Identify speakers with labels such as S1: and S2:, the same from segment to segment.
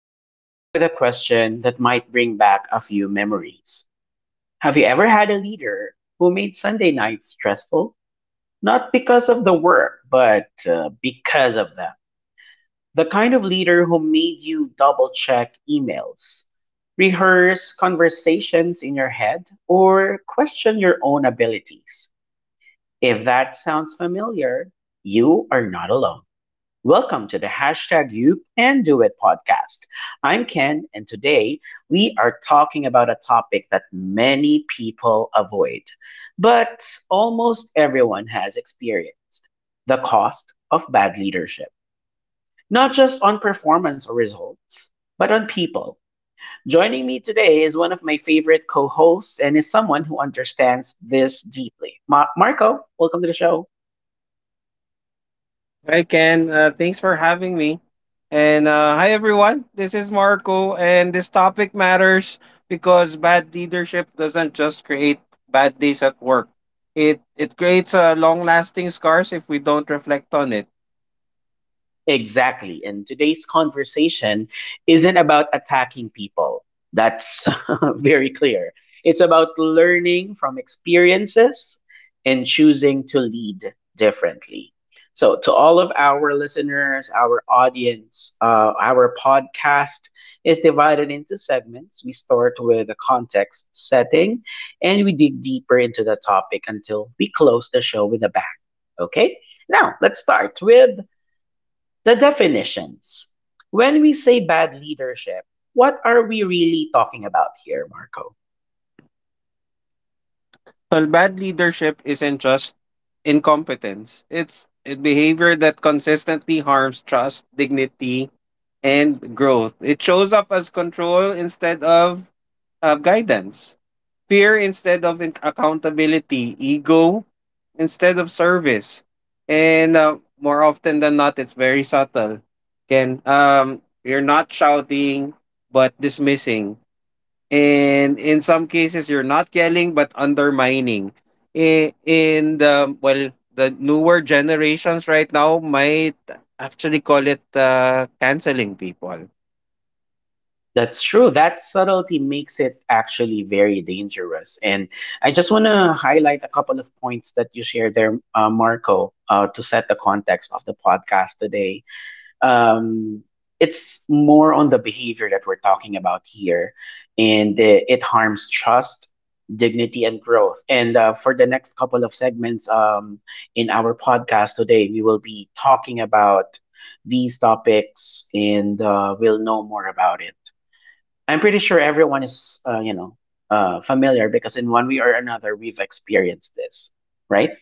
S1: Let me start with a question that might bring back a few memories. Have you ever had a leader who made Sunday nights stressful? Not because of the work, but because of them. The kind of leader who made you double check emails, rehearse conversations in your head, or question your own abilities. If that sounds familiar, you are not alone. Welcome to the hashtag You Can Do It podcast. I'm Ken, and today we are talking about a topic that many people avoid, but almost everyone has experienced the cost of bad leadership, not just on performance or results, but on people. Joining me today is one of my favorite co hosts and is someone who understands this deeply. Marco, welcome to the show.
S2: Hi, Ken. Thanks for having me. And hi, everyone. This is Marco, and this topic matters because bad leadership doesn't just create bad days at work. It creates a long-lasting scars if we don't reflect on it.
S1: Exactly. And today's conversation isn't about attacking people. That's very clear. It's about learning from experiences and choosing to lead differently. So, to all of our listeners, our audience, our podcast is divided into segments. We start with the context setting, and we dig deeper into the topic until we close the show with a bang. Okay? Now, let's start with the definitions. When we say bad leadership, what are we really talking about here, Marco?
S2: Well, bad leadership isn't just incompetence. It's a behavior that consistently harms trust, dignity, and growth. It shows up as control instead of guidance. Fear instead of accountability, ego instead of service. And more often than not, it's very subtle. Again, you're not shouting, but dismissing. And in some cases, you're not yelling, but undermining. I- In the, well, the newer generations right now might actually call it canceling people.
S1: That's true. That subtlety makes it actually very dangerous. And I just want to highlight a couple of points that you shared there, Marco, to set the context of the podcast today. um, it's more on the behavior that we're talking about here, and it harms trust, dignity, and growth. And for the next couple of segments in our podcast today, we will be talking about these topics, and we'll know more about it. I'm pretty sure everyone is, familiar because in one way or another, we've experienced this, right?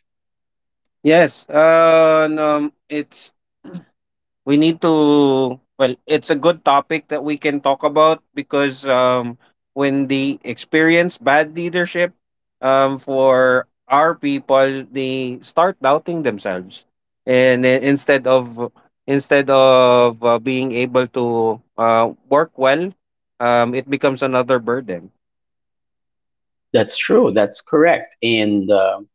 S2: Yes, and, it's we need to, well, it's a good topic that we can talk about because when they experience bad leadership, for our people they start doubting themselves, and instead of being able to work well, it becomes another burden.
S1: That's true. That's correct. And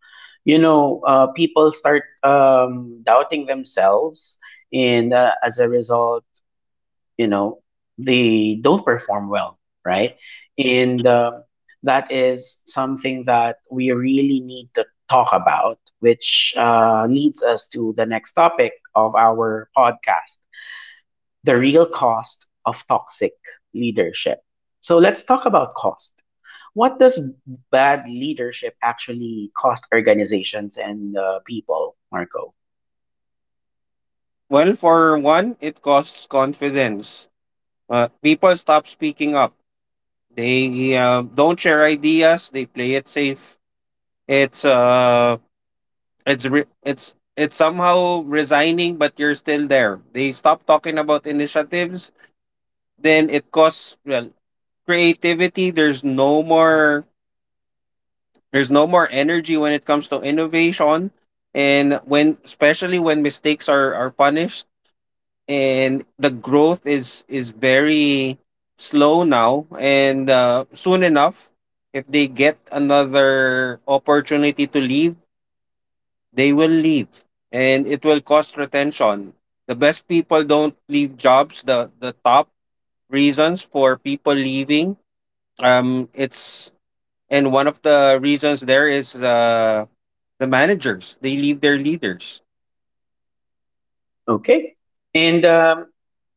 S1: you know, people start doubting themselves, and as a result, you know, they don't perform well, right? And that is something that we really need to talk about, which leads us to the next topic of our podcast, the real cost of toxic leadership. So let's talk about cost. What does bad leadership actually cost organizations and people, Marco?
S2: Well, for one, it costs confidence. People stop speaking up, they don't share ideas, they play it safe. It's uh, it's re- it's somehow resigning, but you're still there. They stop talking about initiatives. Then it costs, well, creativity. There's no more. There's no more energy when it comes to innovation, and when, especially when mistakes are punished, and the growth is very slow now. And soon enough, if they get another opportunity to leave, they will leave and it will cost retention. The best people don't leave jobs. The top reasons for people leaving, it's, and one of the reasons there is the managers. They leave their leaders.
S1: Okay. And,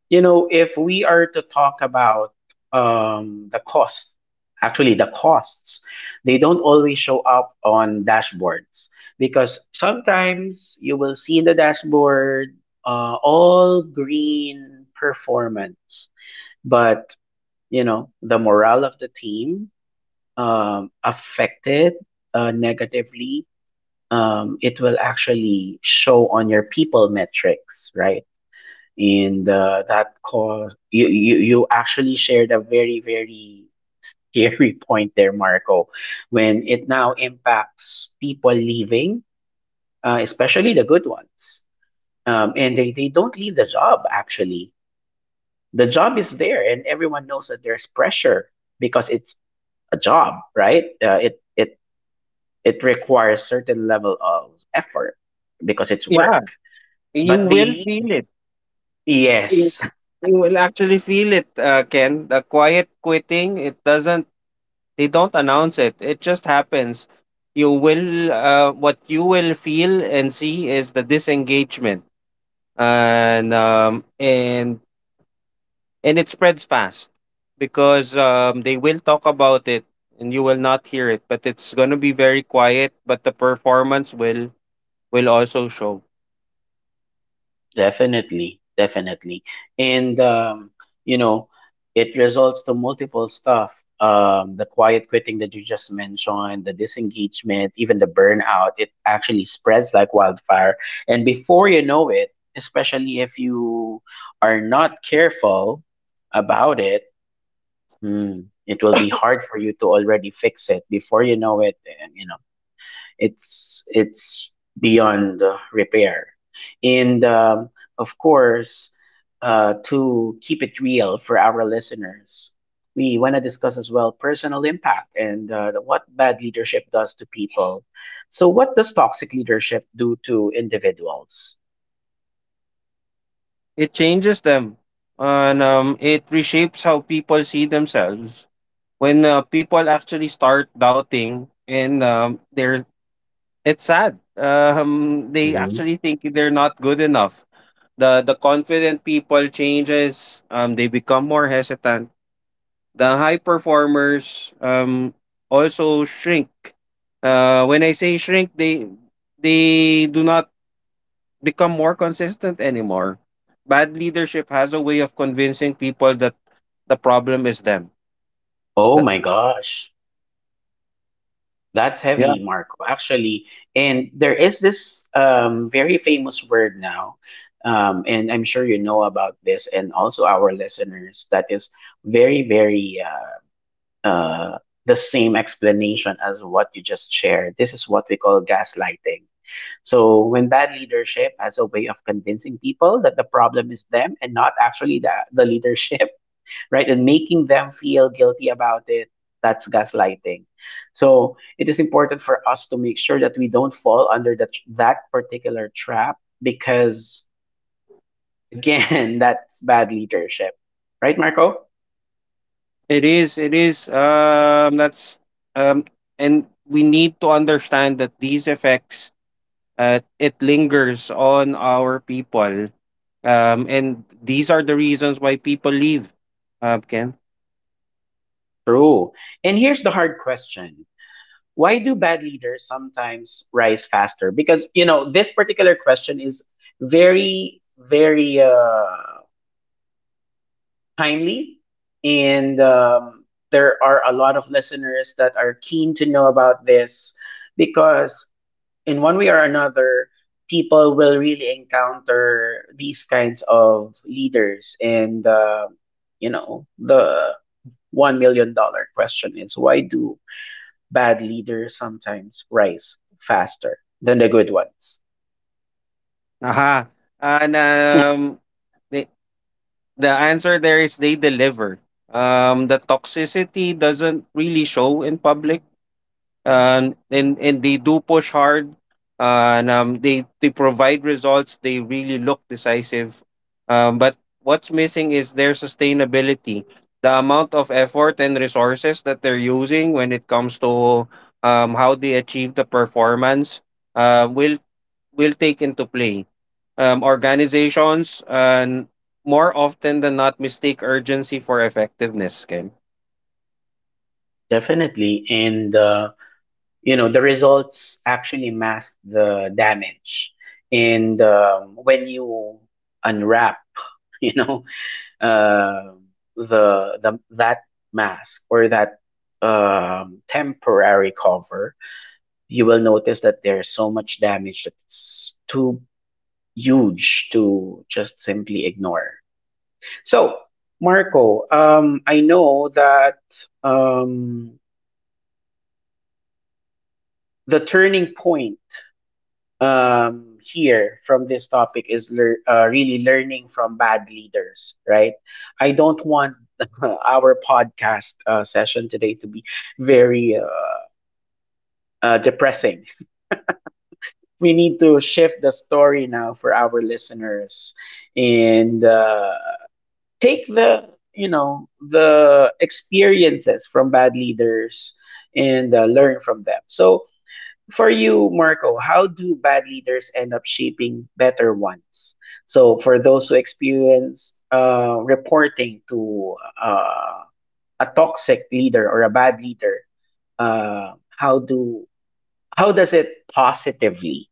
S1: you know, if we are to talk about the cost, actually the costs, they don't always show up on dashboards because sometimes you will see in the dashboard all green performance, but you know the morale of the team affected negatively, it will actually show on your people metrics, right? And that cause you, you actually shared a very scary point there, Marco, when it now impacts people leaving, especially the good ones, and they don't leave the job. Actually, the job is there, and everyone knows that there's pressure because it's a job, right? It it requires certain level of effort because it's
S2: Yeah,
S1: work.
S2: you
S1: But they
S2: will feel
S1: leave.
S2: it. You,
S1: Yes,
S2: you will actually feel it, Ken. The quiet quitting, it doesn't, they don't announce it. It just happens. You will, what you will feel and see is the disengagement. and um and and it spreads fast because they will talk about it, and you will not hear it, but it's going to be very quiet, but the performance will also show.
S1: definitely, definitely, and you know, it results to multiple stuff. The quiet quitting that you just mentioned, the disengagement, even the burnout, it actually spreads like wildfire. And before you know it, especially if you are not careful about it, Mm, it will be hard for you to already fix it before you know it, and you know it's beyond repair. And of course, to keep it real for our listeners, we want to discuss as well personal impact and what bad leadership does to people. So, what does toxic leadership do to individuals?
S2: It changes them, and it reshapes how people see themselves. When people actually start doubting, and they're it's sad, they
S1: Mhm.
S2: actually think they're not good enough. The confident people changes, they become more hesitant. The high performers also shrink. When I say shrink, they do not become more consistent anymore. Bad leadership has a way of convincing people that the problem is them.
S1: Oh
S2: That.
S1: my gosh. That's
S2: Yeah.
S1: heavy, Marco, actually. And there is this very famous word now, and I'm sure you know about this, and also our listeners, that is very, very uh, the same explanation as what you just shared. This is what we call gaslighting. So, when bad leadership has a way of convincing people that the problem is them and not actually the leadership, right? And making them feel guilty about it, that's gaslighting. So it is important for us to make sure that we don't fall under that particular trap because, again, that's bad leadership. Right, Marco?
S2: It is, it is. That's um, and we need to understand that these effects, it lingers on our people, and these are the reasons why people leave. Ken.
S1: True. And here's the hard question: why do bad leaders sometimes rise faster? Because you know this particular question is very, very timely, and there are a lot of listeners that are keen to know about this because in one way or another, people will really encounter these kinds of leaders, and you know the $1 million question is why do bad leaders sometimes rise faster than the good ones.
S2: Aha. And
S1: Mhm.
S2: the the answer there is, they deliver. The toxicity doesn't really show in public. And they do push hard. And they provide results. They really look decisive. But what's missing is their sustainability. The amount of effort and resources that they're using when it comes to how they achieve the performance uh, will will take into play. Organizations, and more often than not, mistake urgency for effectiveness, Ken.
S1: Definitely. And, you know, the results actually mask the damage. And when you unwrap, you know, uh, the that mask or that temporary cover, you will notice that there's so much damage that it's too huge to just simply ignore. So, Marco, I know that um, the turning point here from this topic is really learning from bad leaders, right? I don't want our podcast session today to be very depressing. We need to shift the story now for our listeners and take the, you know, the experiences from bad leaders and learn from them. So for you, Marco, how do bad leaders end up shaping better ones? So for those who experience reporting to uh, a toxic leader or a bad leader, uh, how do how does it positively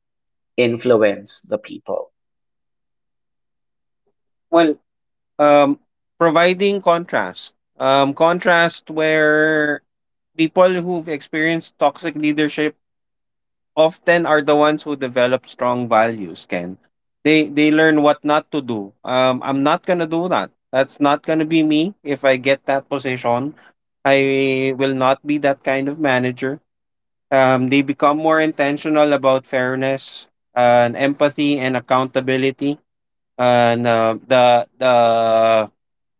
S1: influence the people?
S2: Well, um, providing contrast. Contrast where people who've experienced toxic leadership often are the ones who develop strong values, Ken. They learn what not to do. I'm not gonna do that. That's not gonna be me if I get that position. I will not be that kind of manager. They become more intentional about fairness and empathy and accountability, and the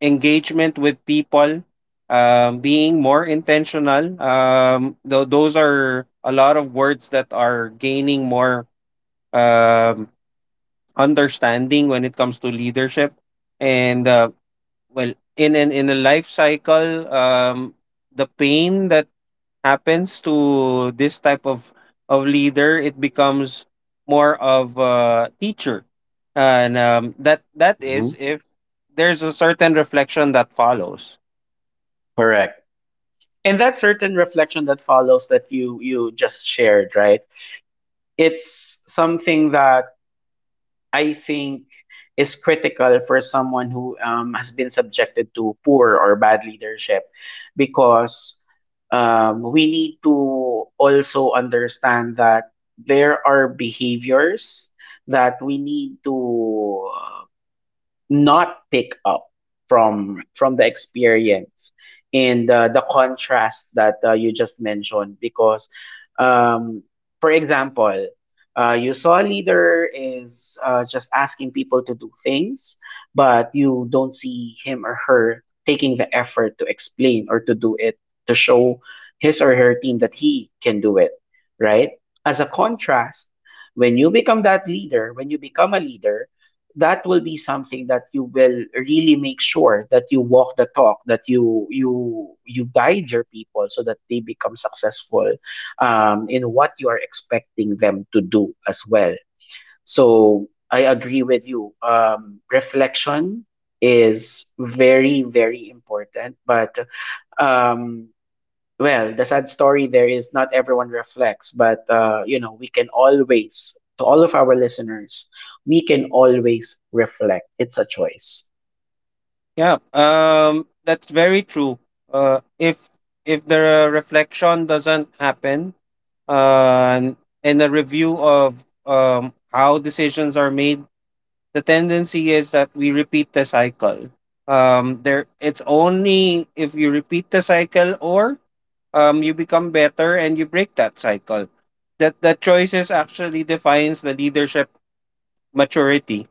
S2: engagement with people, being more intentional, those are a lot of words that are gaining more um, understanding when it comes to leadership. And Well, in an in a life cycle, the pain that happens to this type of leader, it becomes more of a teacher, and that is,
S1: Mhm.
S2: if there's a certain reflection that follows.
S1: Correct. And that certain reflection that follows that you just shared, right? It's something that I think is critical for someone who has been subjected to poor or bad leadership because we need to also understand that there are behaviors that we need to not pick up from the experience and the contrast that you just mentioned. Because um, for example, you saw a leader is just asking people to do things, but you don't see him or her taking the effort to explain or to do it, to show his or her team that he can do it, right? As a contrast, when you become that leader, when you become a leader, that will be something that you will really make sure that you walk the talk, that you you guide your people so that they become successful in what you are expecting them to do as well. So I agree with you. Reflection is very important, but um, well, the sad story there is not everyone reflects, but you know, we can always, to all of our listeners, we can always reflect. It's a choice.
S2: Yeah, that's very true. Uh, if if the reflection doesn't happen, uh, and and a review of how decisions are made, the tendency is that we repeat the cycle. There, it's only if you repeat the cycle, or you become better and you break that cycle. That the choices actually defines the leadership maturity.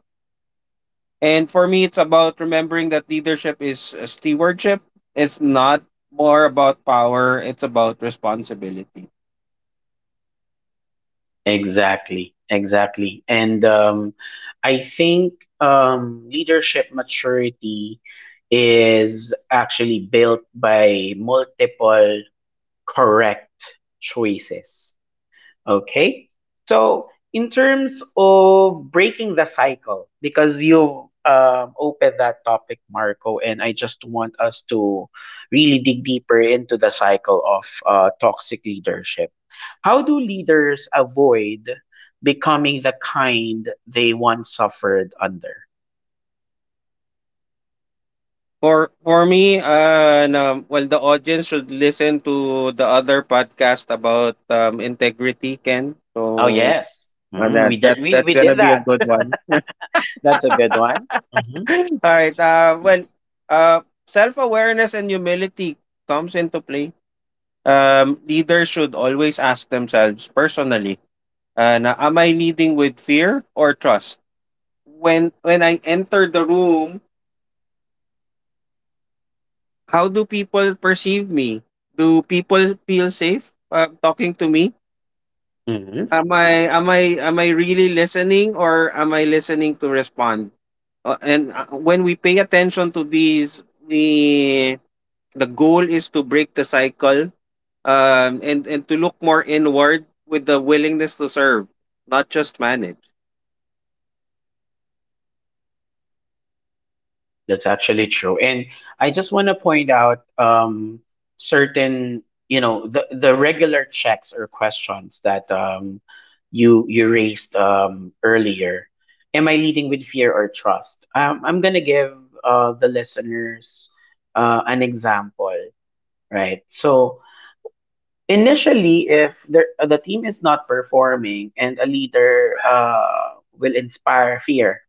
S2: And for me, it's about remembering that leadership is stewardship. It's not more about power. It's about responsibility.
S1: Exactly, exactly. And I think leadership maturity is actually built by multiple correct choices. Okay. So, in terms of breaking the cycle, because you opened that topic, Marco, and I just want us to really dig deeper into the cycle of toxic leadership. How do leaders avoid becoming the kind they once suffered under?
S2: For me, no, well, the audience should listen to the other podcast about integrity, Ken.
S1: Oh,
S2: So
S1: yes. Mhm, we, did, we,
S2: that's
S1: we
S2: gonna
S1: did
S2: be a
S1: that.
S2: good one.
S1: That's a good one. Hmm.
S2: All right.
S1: Yes.
S2: Self awareness and humility comes into play. Leaders should always ask themselves personally, am I leading with fear or trust? When I enter the room, how do people perceive me? Do people feel safe talking to me? Am I really listening, or am I listening to respond? And when we pay attention to these, the goal is to break the cycle, and to look more inward with the willingness to serve, not just manage.
S1: That's actually true. And I just want to point out certain, you know, the regular checks or questions that you raised earlier. Am I leading with fear or trust? I'm gonna give the listeners an example, right? So initially, if the team is not performing and a leader will inspire fear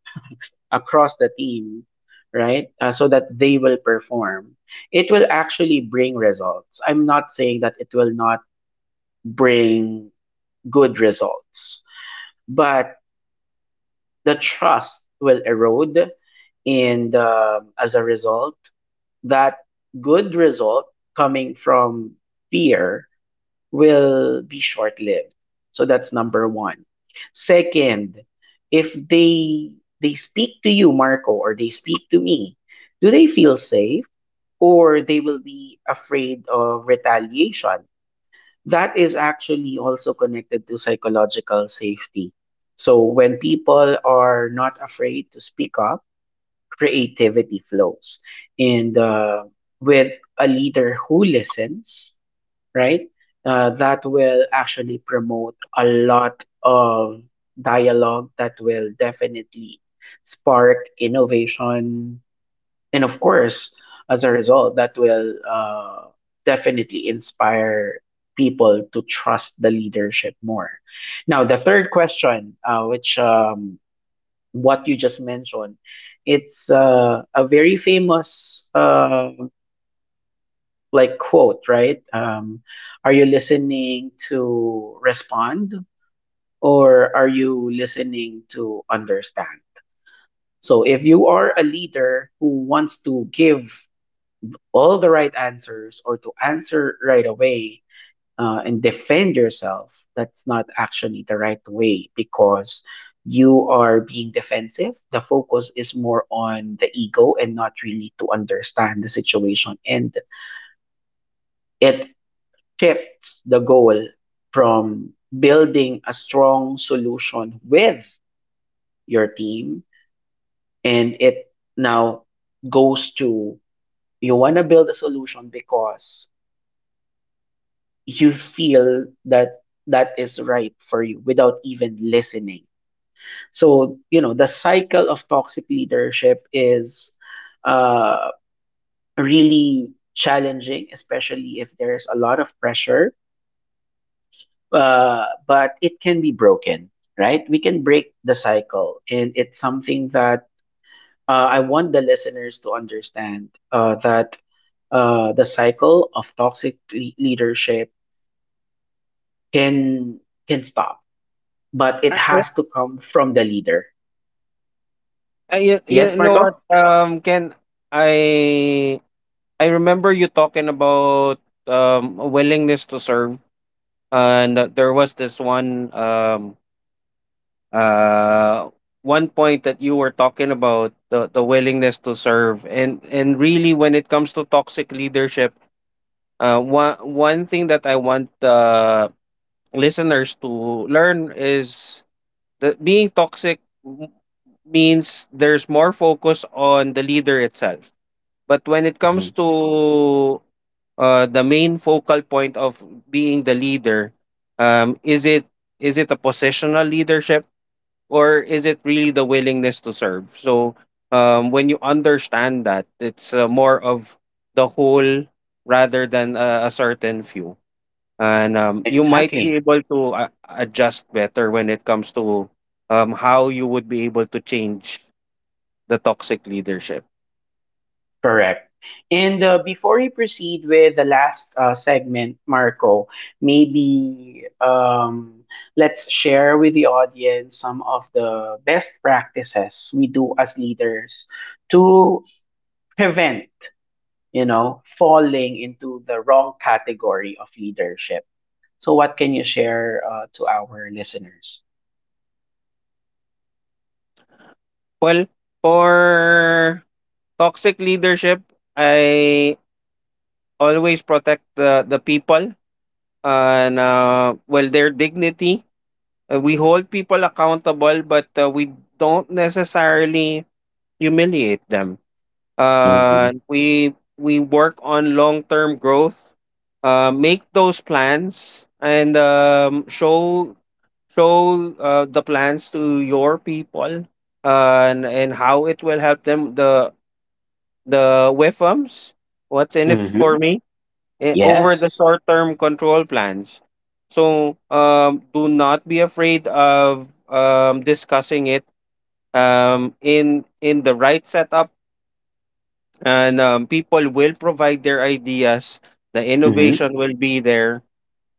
S1: across the team, right? So that they will perform. It will actually bring results. I'm not saying that it will not bring good results, but the trust will erode. And as a result, that good result coming from fear will be short lived. So that's number one. Second, if they speak to you, Marco, or they speak to me, do they feel safe, or they will be afraid of retaliation? That is actually also connected to psychological safety. So when people are not afraid to speak up, creativity flows. And with a leader who listens, right? That will actually promote a lot of dialogue that will definitely spark innovation. And of course, as a result, that will definitely inspire people to trust the leadership more. Now, the third question, which what you just mentioned, it's a very famous, like, quote, right? Are you listening to respond, or are you listening to understand? So if you are a leader who wants to give all the right answers or to answer right away and defend yourself, that's not actually the right way because you are being defensive. The focus is more on the ego and not really to understand the situation. And it shifts the goal from building a strong solution with your team and it now goes to you want to build a solution because you feel that that is right for you without even listening. So you know the cycle of toxic leadership is uh, really challenging, especially if there's a lot of pressure. But it can be broken, right? We can break the cycle, and it's something that I want the listeners to understand, that the cycle of toxic leadership can can stop, but
S2: I,
S1: it
S2: I, I-
S1: has to come from the leader.
S2: you
S1: Yes,
S2: know
S1: Marco.
S2: what, Ken, I I remember you talking about a willingness to serve, and there was this uh one point that you were talking about, the willingness to serve. And really, when it comes to toxic leadership, one thing that I want listeners to learn is that being toxic m- means there's more focus on the leader itself. But when it comes
S1: Mhm.
S2: to the main focal point of being the leader, um, is it is it a positional leadership, or is it really the willingness to serve? So when you understand that, it's more of the whole rather than a certain few, and you might be
S1: Exactly.
S2: able to adjust better when it comes to how you would be able to change the toxic leadership.
S1: Correct. And before we proceed with the last segment, Marco, maybe let's share with the audience some of the best practices we do as leaders to prevent, you know, falling into the wrong category of leadership. So, what can you share to our listeners?
S2: Well, for toxic leadership, I always protect the people, and their dignity. We hold people accountable, but we don't necessarily humiliate them.
S1: Hmm.
S2: We work on long term growth. Make those plans and show the plans to your people, and how it will help them, the WIFMs, what's in it for
S1: Hmm.
S2: me? Eh, over the
S1: Yes.
S2: short term control plans. So do not be afraid of discussing it in the right setup, and people will provide their ideas. The
S1: Mm-hmm.
S2: innovation will be there,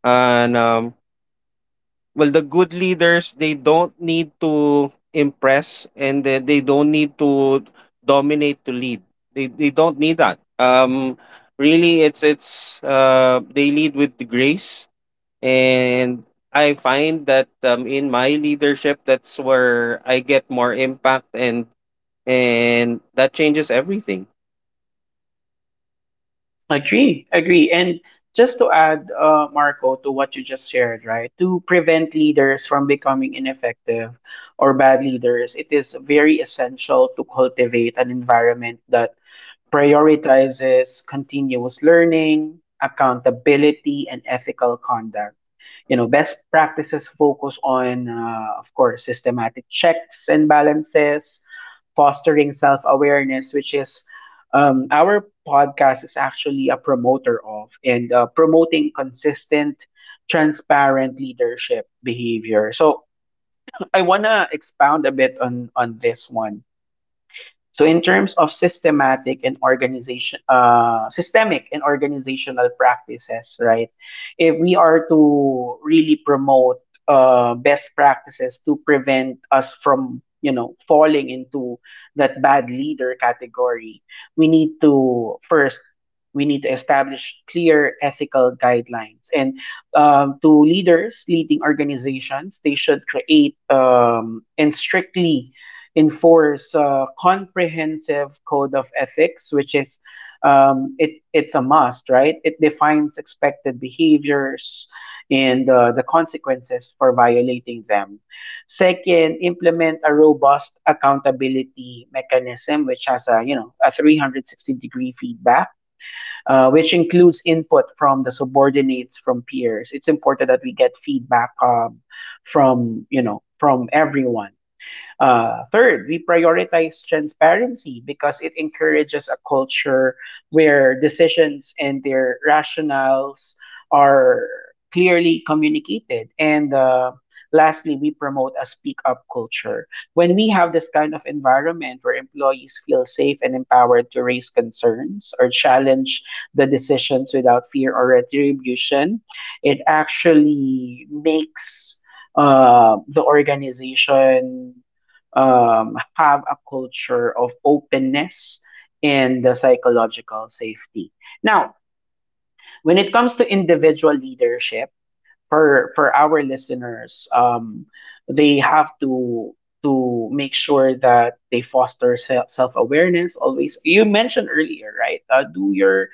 S2: and the good leaders, they don't need to impress and they don't need to dominate to lead. They don't need that, really it's they lead with the grace, and I find that in my leadership, that's where I get more impact, and that changes everything.
S1: Agree, agree. And just to add, Marco, to what you just shared, right? To prevent leaders from becoming ineffective or bad leaders, it is very essential to cultivate an environment that prioritizes continuous learning, accountability, and ethical conduct. You know, best practices focus on, of course, systematic checks and balances, fostering self awareness, which is our podcast is actually a promoter of, and promoting consistent, transparent leadership behavior. So I wanna expound a bit on this one. So in terms of systematic and organization, systemic and organizational practices, right? If we are to really promote best practices to prevent us from, you know, falling into that bad leader category, we need to first we need to establish clear ethical guidelines. And to leaders leading organizations, they should create and strictly enforce a comprehensive code of ethics, which is it's a must, right? It defines expected behaviors and the consequences for violating them. Second, implement a robust accountability mechanism, which has a you know a 360-degree feedback, which includes input from the subordinates, from peers. It's important that we get feedback from you know from everyone. Third, we prioritize transparency because it encourages a culture where decisions and their rationales are clearly communicated. And lastly, we promote a speak up culture. When we have this kind of environment where employees feel safe and empowered to raise concerns or challenge the decisions without fear or retribution, it actually makes the organization have a culture of openness and the psychological safety. Now, when it comes to individual leadership, for our listeners they have to make sure that they foster self awareness always. You mentioned earlier, right? Do your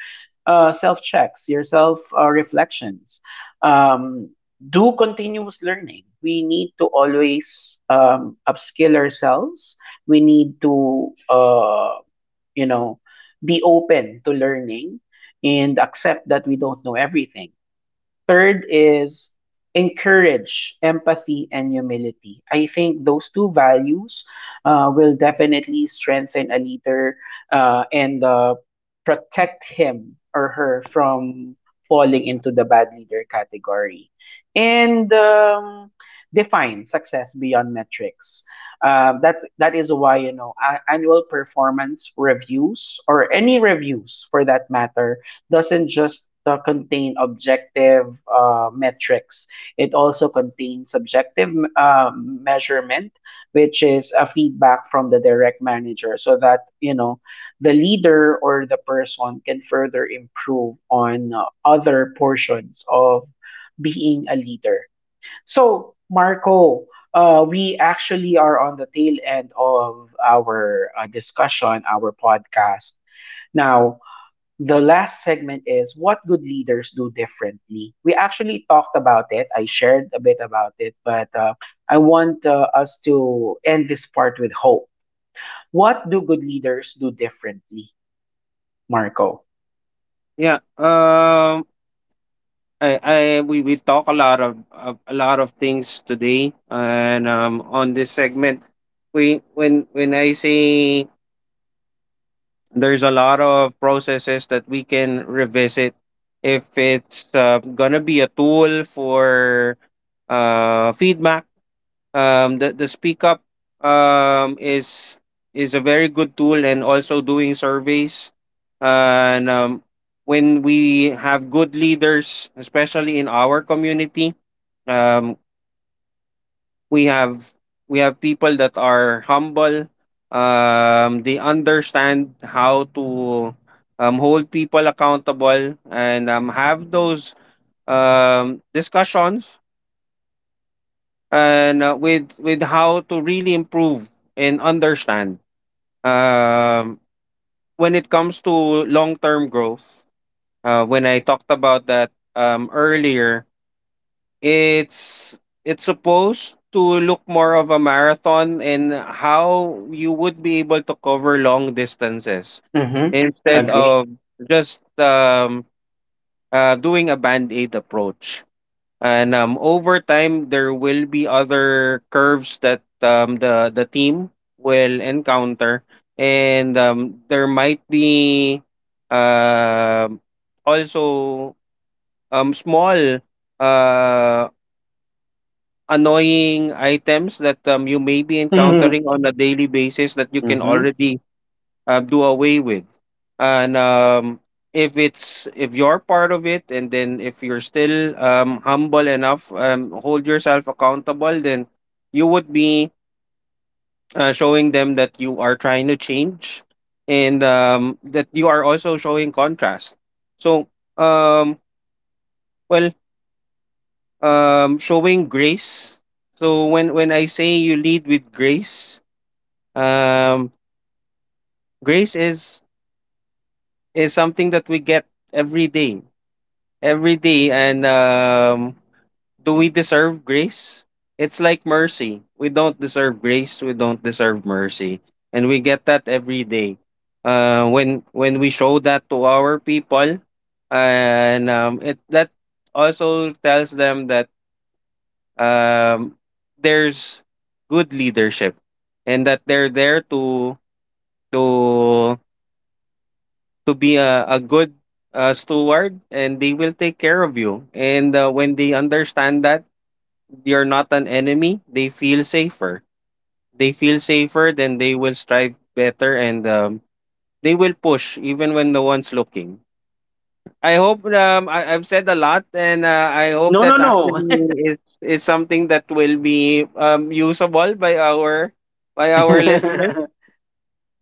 S1: self checks, your self reflections. um do continuous learning. We need to always upskill ourselves. We need to you know be open to learning and accept that we don't know everything. Third is encourage empathy and humility. I think those two values will definitely strengthen a leader and protect him or her from falling into the bad leader category. And define success beyond metrics. That is why you know annual performance reviews or any reviews for that matter doesn't just contain objective metrics. It also contains subjective measurement, which is a feedback from the direct manager, so that you know the leader or the person can further improve on other portions of being a leader. So, Marco, we actually are on the tail end of our discussion, our podcast. Now, the last segment is what good leaders do differently. We actually talked about it. I shared a bit about it, but I want us to end this part with hope. What do good leaders do differently, Marco?
S2: Yeah, I we talk a lot a lot of things today, and on this segment, we when I say, there's a lot of processes that we can revisit, if it's gonna be a tool for feedback. The speak up um is is a very good tool, and also doing surveys. And when we have good leaders, especially in our community, um we have people that are humble, they understand how to hold people accountable, and have those discussions, and with how to really improve and understand um when it comes to long-term growth. When I talked about that earlier, it's supposed to look more of a marathon in how you would be able to cover long distances
S1: Mm-hmm.
S2: instead
S1: Agree.
S2: of just doing a band-aid approach. And, over time, there will be other curves that, the team will encounter, and, there might be, um, also, small, uh, annoying items that, you may be encountering on a daily basis that you can
S1: Mm-hmm.
S2: already do away with. And if it's if you're part of it, and then if you're still humble enough, hold yourself accountable, then you would be showing them that you are trying to change, and that you are also showing contrast. So um well showing grace. So when I say you lead with grace, um grace is is something that we get every day, every day and Do we deserve grace? It's like mercy. We don't deserve grace. We don't deserve mercy, and we get that every day. When we show that to our people, and it that also tells them that um, there's good leadership, and that they're there to to be a good steward, and they will take care of you. And when they understand that you're not an enemy, they feel safer. Then they will strive better, and they will push even when no one's looking. I hope I've said a lot, and I hope
S1: No,
S2: that
S1: no,
S2: actually is something that will be usable by our listeners.
S1: no.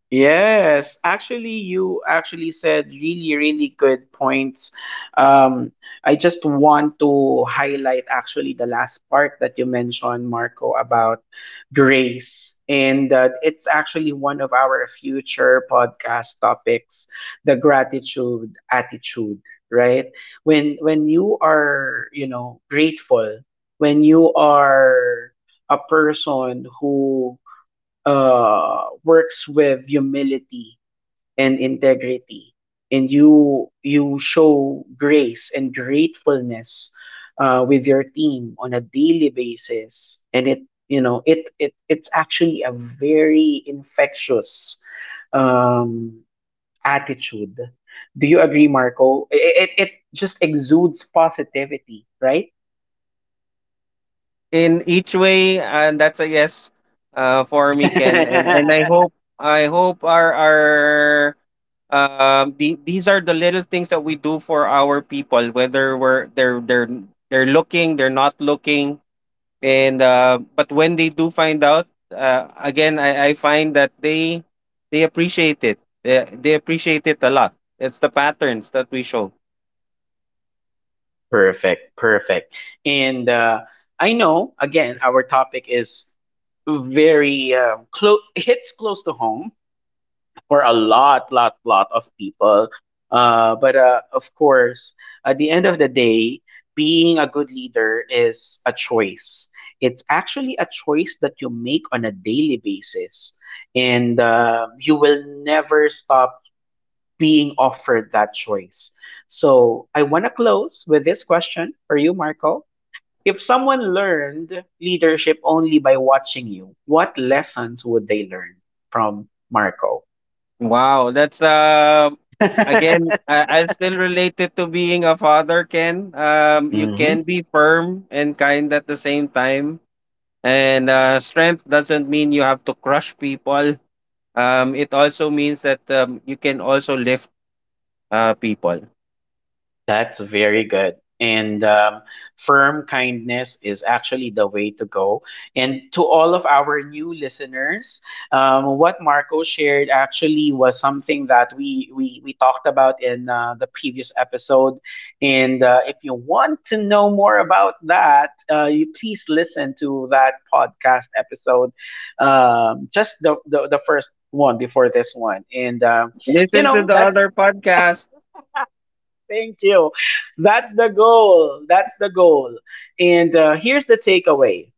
S1: Yes, actually, you actually said really, really good points. Um, I just want to highlight actually the last part that you mentioned, Marco, about grace. And it's actually one of our future podcast topics, the gratitude attitude, right? When you are, you know, grateful, when you are a person who works with humility and integrity, and you show grace and gratefulness with your team on a daily basis, and it you know it's actually a very infectious um, attitude. Do you agree, Marco? It just exudes positivity, right?
S2: In each way, and that's a yes for me, Ken. And I hope, I hope our these are the little things that we do for our people, whether we're they're looking, they're not looking. And but when they do find out, I find that they appreciate it. They appreciate it a lot. It's the patterns that we show.
S1: Perfect, perfect. And I know, again, our topic is very close, hits close to home for a lot, lot, lot of people. But of course, at the end of the day, being a good leader is a choice. It's actually a choice that you make on a daily basis, and you will never stop being offered that choice. So I want to close with this question for you, Marco. If someone learned leadership only by watching you, what lessons would they learn from Marco?
S2: Wow, that's again I still relate it to being a father, Ken. Um, you can
S1: Mhm.
S2: be firm and kind at the same time. And uh, strength doesn't mean you have to crush people. Um, it also means that you can also lift people.
S1: That's very good. And firm kindness is actually the way to go. And to all of our new listeners, what Marco shared actually was something that we talked about in the previous episode. And if you want to know more about that, you please listen to that podcast episode, just the first one before this one. And you
S2: Listen to
S1: know
S2: the
S1: that's
S2: other podcast.
S1: Thank you. That's the goal. That's the goal. And here's the takeaway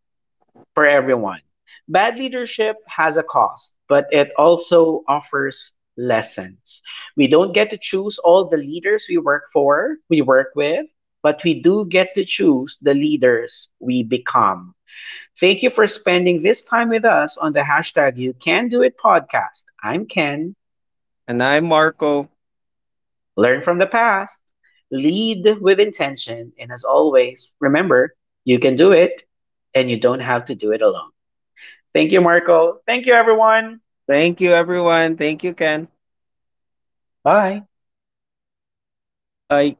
S1: for everyone. Bad leadership has a cost, but it also offers lessons. We don't get to choose all the leaders we work for, we work with, but we do get to choose the leaders we become. Thank you for spending this time with us on the hashtag You Can Do It podcast. I'm Ken.
S2: And I'm Marco.
S1: Learn from the past, lead with intention, and as always, remember you can do it and you don't have to do it alone. Thank you, Marco. Thank you, everyone.
S2: Thank you, everyone. Thank you, Ken.
S1: Bye.
S2: Bye.